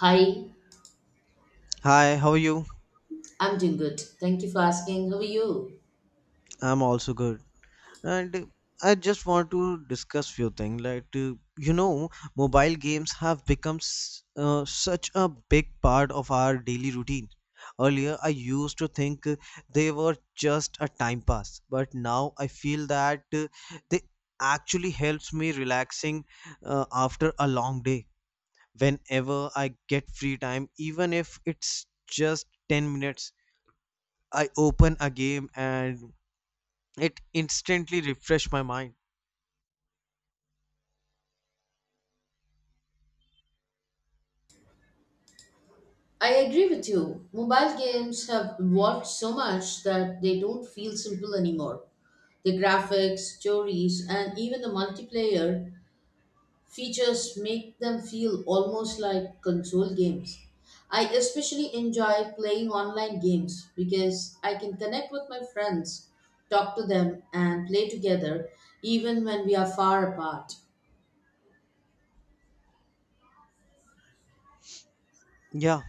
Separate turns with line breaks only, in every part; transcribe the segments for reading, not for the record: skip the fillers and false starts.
Hi,
Hi, how are you?
I'm doing good. Thank you for asking. How are you?
I'm also good. And I just want to discuss few things. You know, mobile games have become such a big part of our daily routine. Earlier, I used to think they were just a time pass, but now I feel that they actually helps me relaxing after a long day. Whenever I get free time, even if it's just 10 minutes, I open a game and it instantly refreshed my mind.
I agree with you. Mobile games have evolved so much that they don't feel simple anymore. The graphics, stories, and even the multiplayer features make them feel almost like console games. I especially enjoy playing online games because I can connect with my friends, talk to them, and play together even when we are far apart.
Yeah,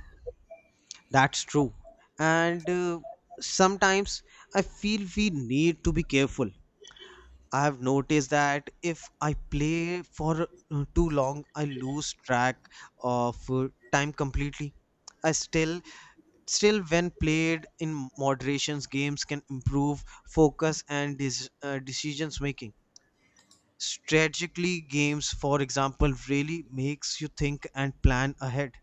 that's true. And sometimes I feel we need to be careful. I have noticed that if I play for too long I lose track of time completely. I still when played in moderations games can improve focus and decisions making. Strategically games for example really makes you think and plan ahead.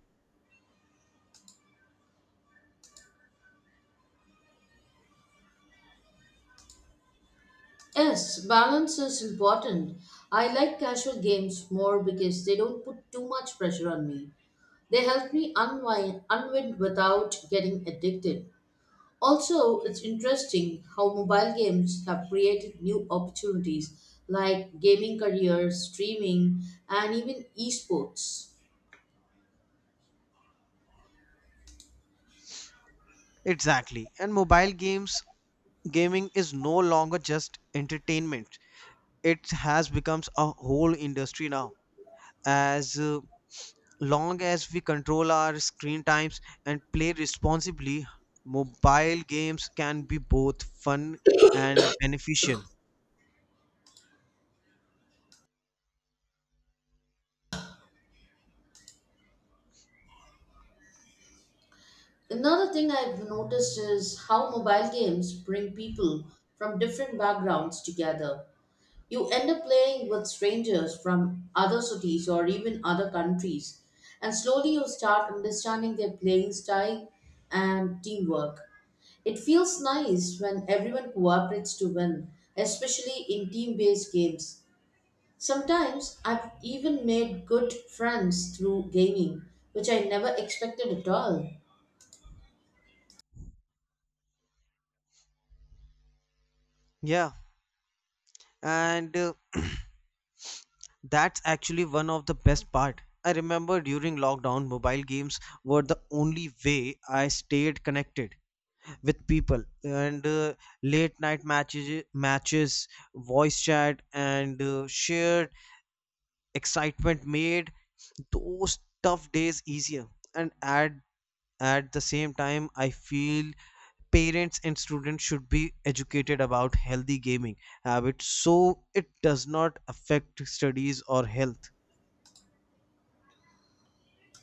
Yes, balance is important. I like casual games more because they don't put too much pressure on me. They help me unwind without getting addicted. Also, it's interesting how mobile games have created new opportunities like gaming careers, streaming, and even esports.
Exactly. And mobile games gaming is no longer just entertainment. It has become a whole industry now. As long as we control our screen times and play responsibly, mobile games can be both fun and beneficial.
Another thing I've noticed is how mobile games bring people from different backgrounds together. You end up playing with strangers from other cities or even other countries, and slowly you start understanding their playing style and teamwork. It feels nice when everyone cooperates to win, especially in team based games. Sometimes I've even made good friends through gaming, which I never expected at all.
Yeah, and that's actually one of the best part. I remember during lockdown, mobile games were the only way I stayed connected with people. And late night matches, voice chat, and shared excitement made those tough days easier. And at the same time I feel parents and students should be educated about healthy gaming habits so it does not affect studies or health.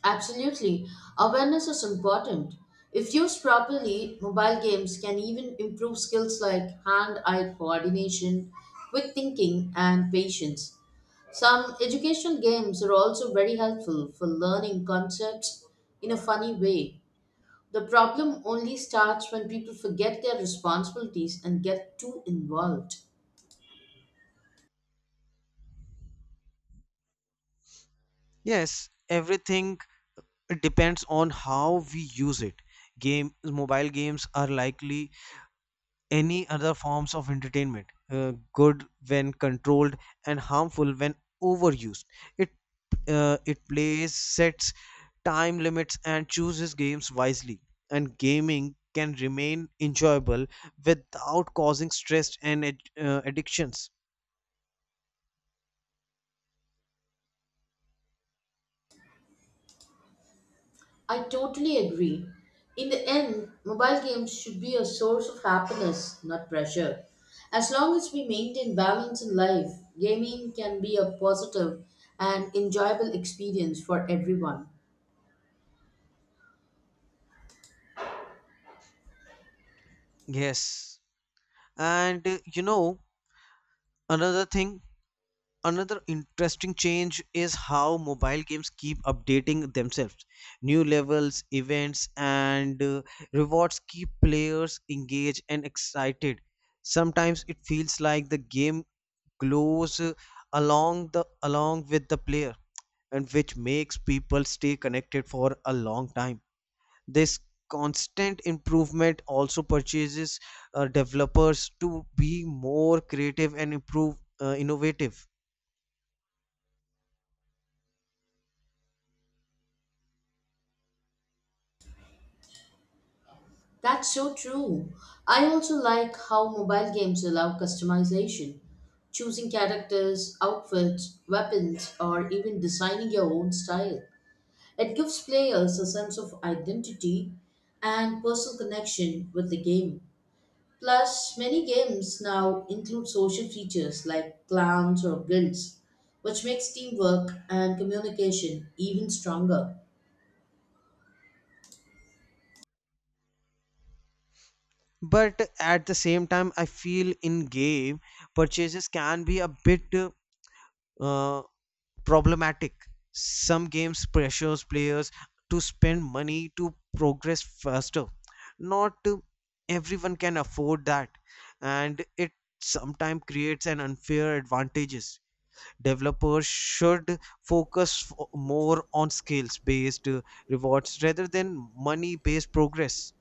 Absolutely. Awareness is important. If used properly, mobile games can even improve skills like hand eye coordination, quick thinking, and patience. Some educational games are also very helpful for learning concepts in a funny way. The problem only starts when people forget their responsibilities and get too involved.
Yes, everything depends on how we use it. Game Mobile games are likely any other forms of entertainment, good when controlled and harmful when overused. It uh, it plays sets time limits and chooses games wisely, and gaming can remain enjoyable without causing stress and addictions.
I totally agree. In the end, mobile games should be a source of happiness, not pressure. As long as we maintain balance in life, gaming can be a positive and enjoyable experience for everyone.
Yes, and you know another thing. Another interesting change is how mobile games keep updating themselves. New levels, events, and rewards keep players engaged and excited. Sometimes it feels like the game glows, along the along with the player, and which makes people stay connected for a long time. This constant improvement also purchases developers to be more creative and improve, innovative.
That's so true. I also like how mobile games allow customization. Choosing characters, outfits, weapons, or even designing your own style. It gives players a sense of identity and personal connection with the game. Plus, many games now include social features like clans or guilds, which makes teamwork and communication even stronger.
But at the same time I feel in game purchases can be a bit uh, problematic. Some games pressures players to spend money to progress faster. Not everyone can afford that, and it sometimes creates an unfair advantages. Developers should focus more on skills based rewards rather than money based progress.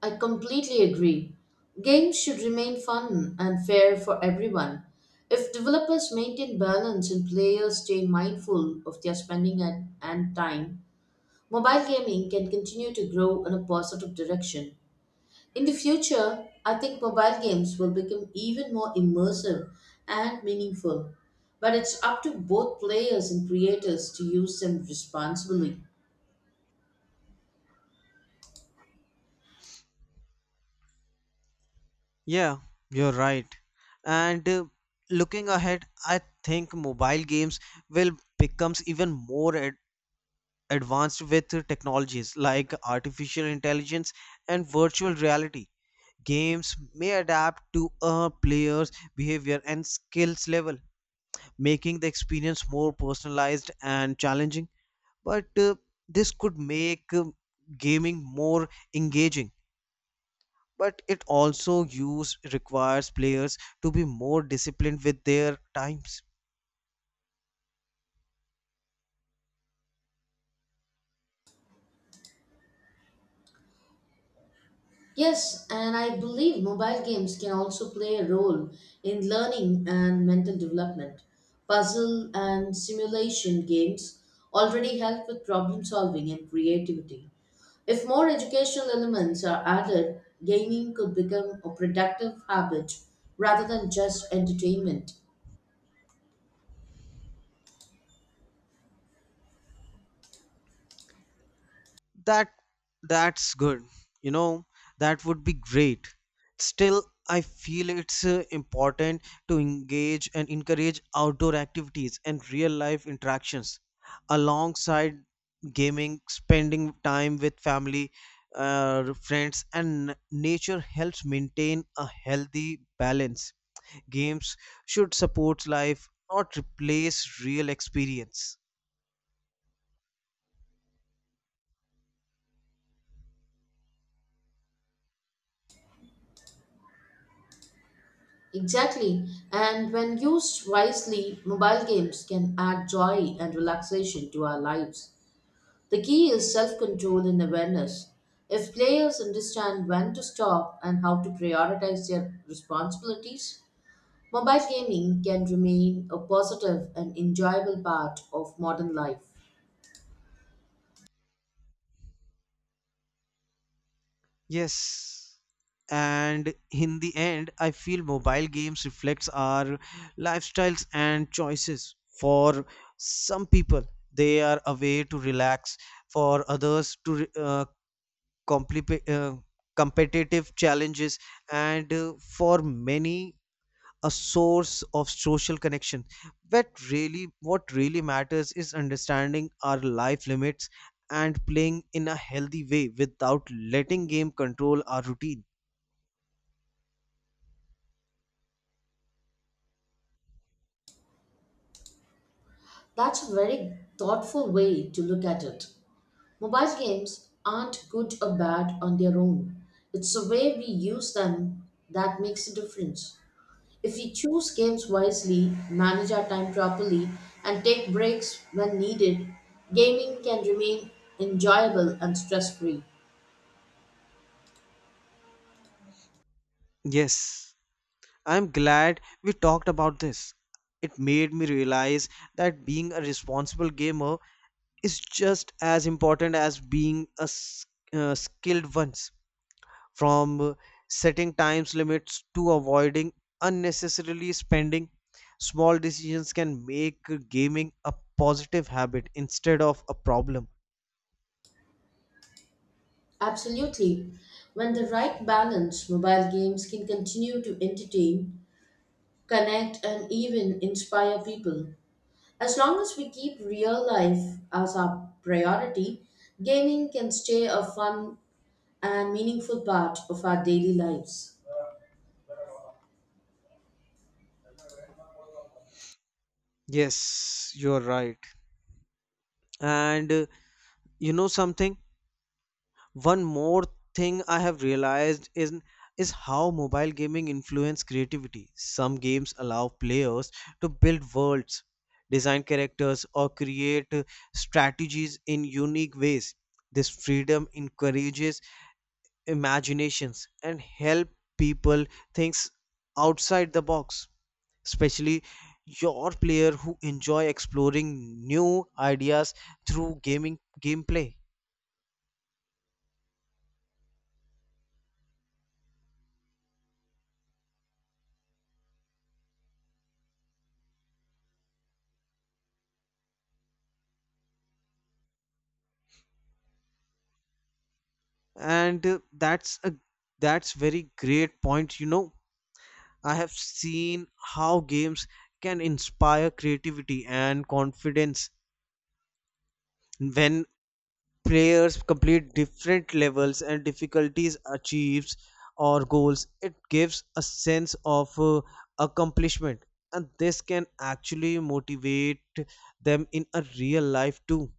I completely agree. Games should remain fun and fair for everyone. If developers maintain balance and players stay mindful of their spending and time, mobile gaming can continue to grow in a positive direction. In the future, I think mobile games will become even more immersive and meaningful, but it's up to both players and creators to use them responsibly.
Yeah, you're right. And looking ahead, I think mobile games will becomes even more ad advanced with technologies like artificial intelligence and virtual reality. Games may adapt to a player's behavior and skills level, making the experience more personalized and challenging. But this could make gaming more engaging, but it also use requires players to be more disciplined with their times.
Yes, and I believe mobile games can also play a role in learning and mental development. Puzzle and simulation games already help with problem solving and creativity. If more educational elements are added, gaming could become a productive habit rather than just entertainment.
That that's good. You know, that would be great. Still, I feel it's important to engage and encourage outdoor activities and real life interactions alongside gaming, spending time with family, friends, and nature helps maintain a healthy balance. Games should support life, not replace real experience.
Exactly, and when used wisely, mobile games can add joy and relaxation to our lives. The key is self control and awareness. If players understand when to stop and how to prioritize their responsibilities, mobile gaming can remain a positive and enjoyable part of modern life.
Yes. And in the end, I feel mobile games reflects our lifestyles and choices. For some people, they are a way to relax. For others, to compli- uh, competitive challenges. And for many, a source of social connection. But really what really matters is understanding our life limits and playing in a healthy way without letting game control our routine.
That's a very thoughtful way to look at it. Mobile games aren't good or bad on their own, it's the way we use them that makes a difference. If we choose games wisely, manage our time properly, and take breaks when needed, gaming can remain enjoyable and stress free.
Yes, I'm glad we talked about this. It made me realize that being a responsible gamer is just as important as being a skilled one. From setting times limits to avoiding unnecessarily spending, small decisions can make gaming a positive habit instead of a problem.
Absolutely. When the right balance, mobile games can continue to entertain, connect, and even inspire people. As long as we keep real life as our priority, gaming can stay a fun and meaningful part of our daily lives.
Yes, you're right. and you know something One more thing I have realized is how mobile gaming influence creativity. Some games allow players to build worlds, design characters or create strategies in unique ways. This freedom encourages imaginations and help people think outside the box, especially your player who enjoy exploring new ideas through gaming gameplay. And that's a that's very great point, you know. I have seen how games can inspire creativity and confidence. When players complete different levels and difficulties achieves or goals, it gives a sense of accomplishment, and this can actually motivate them in a real life too,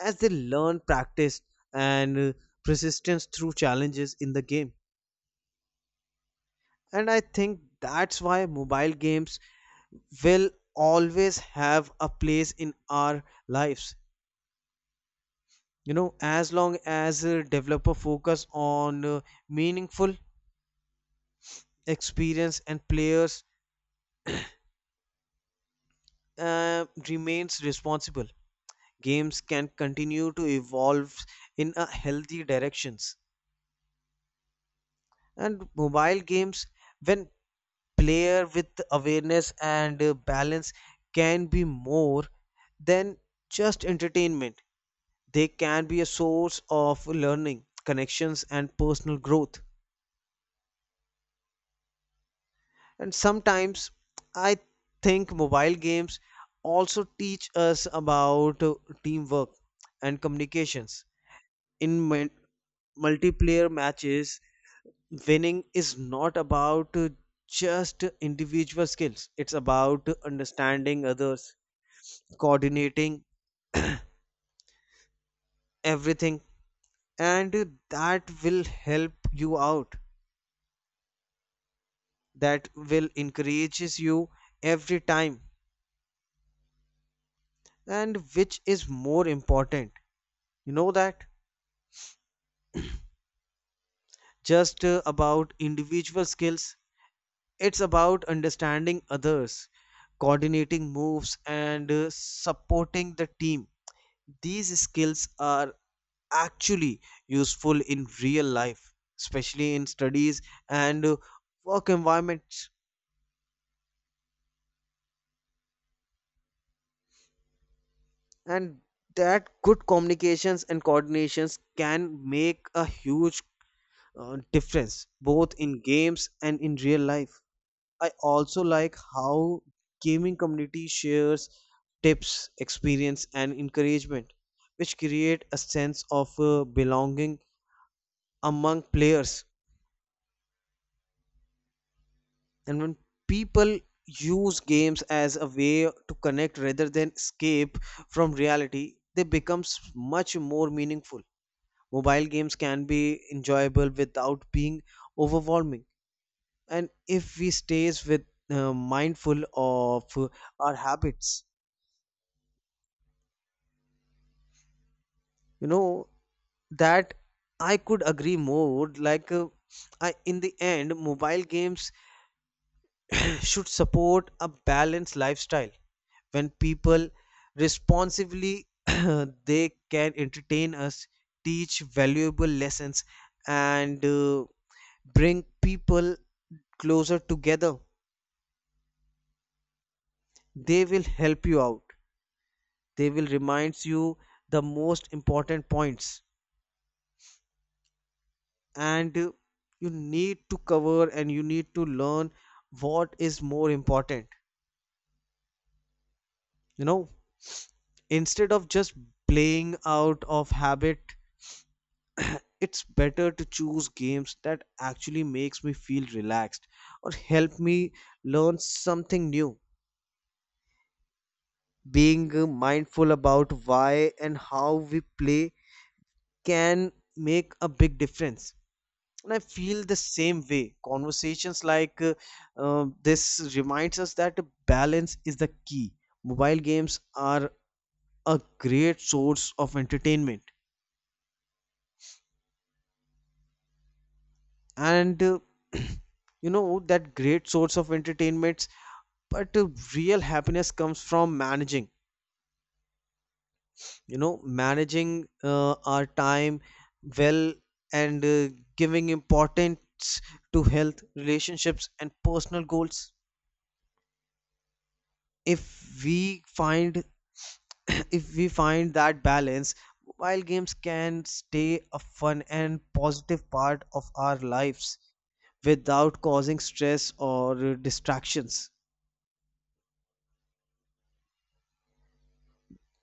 as they learn practice and persistence through challenges in the game. And I think that's why mobile games will always have a place in our lives. You know, as long as developer focus on meaningful experience and players remains responsible, games can continue to evolve in a healthy directions. And mobile games, when player with awareness and balance, can be more than just entertainment. They can be a source of learning, connections, and personal growth. And sometimes I think mobile games also teach us about teamwork and communications. In multiplayer matches, winning is not about just individual skills, it's about understanding others, coordinating everything, and that will help you out, that will encourages you every time, and which is more important, you know, that just about individual skills. It's about understanding others, coordinating moves, and supporting the team. These skills are actually useful in real life, especially in studies and work environments, and that good communications and coordinations can make a huge difference both in games and in real life. I also like how gaming community shares tips, experience and encouragement, which create a sense of belonging among players. And when people use games as a way to connect rather than escape from reality, they becomes much more meaningful. Mobile games can be enjoyable without being overwhelming, and if we stays with, mindful of our habits, you know that. I could agree more like uh, I, in the end mobile games should support a balanced lifestyle. When people responsively they can entertain us, teach valuable lessons, and bring people closer together. They will help you out, they will remind you the most important points, and you need to cover and you need to learn what is more important, you know. Instead of just playing out of habit, it's better to choose games that actually makes me feel relaxed or help me learn something new. Being mindful about why and how we play can make a big difference. And I feel the same way. Conversations like this reminds us that balance is the key. Mobile games are a great source of entertainment, and you know that, great source of entertainments. But real happiness comes from managing, you know, managing our time well, and giving importance to health relationships and personal goals. If we find if we find that balance, mobile games can stay a fun and positive part of our lives without causing stress or distractions.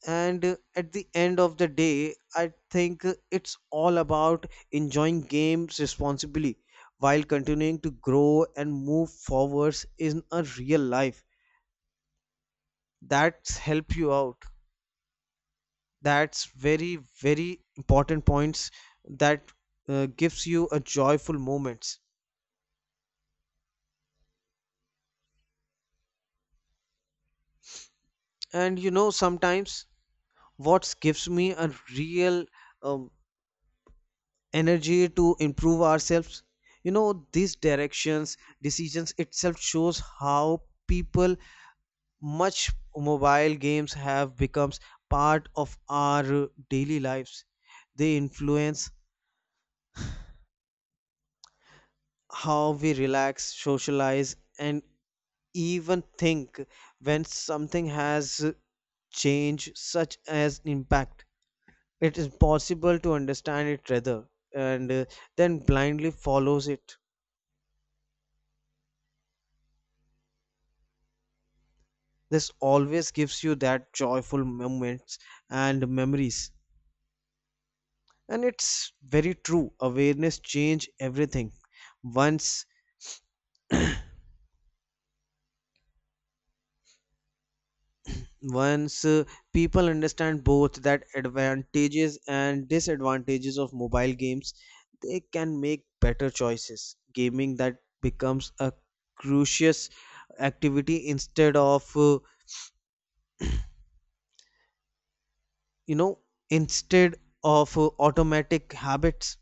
And at the end of the day I think it's all about enjoying games responsibly while continuing to grow and move forwards in a real life. That's help you out. That's very, very important points that gives you a joyful moments. And you know, sometimes what gives me a real um, energy to improve ourselves, you know, these directions, decisions itself shows how people much mobile games have becomes part of our daily lives. They influence how we relax, socialize, and even think. When something has changed such as impact, it is possible to understand it rather and then blindly follows it. This always gives you that joyful moments and memories. And it's very true, awareness change everything. Once once uh, people understand both that advantages and disadvantages of mobile games, they can make better choices. Gaming that becomes a crucious activity instead of you know instead of automatic habits.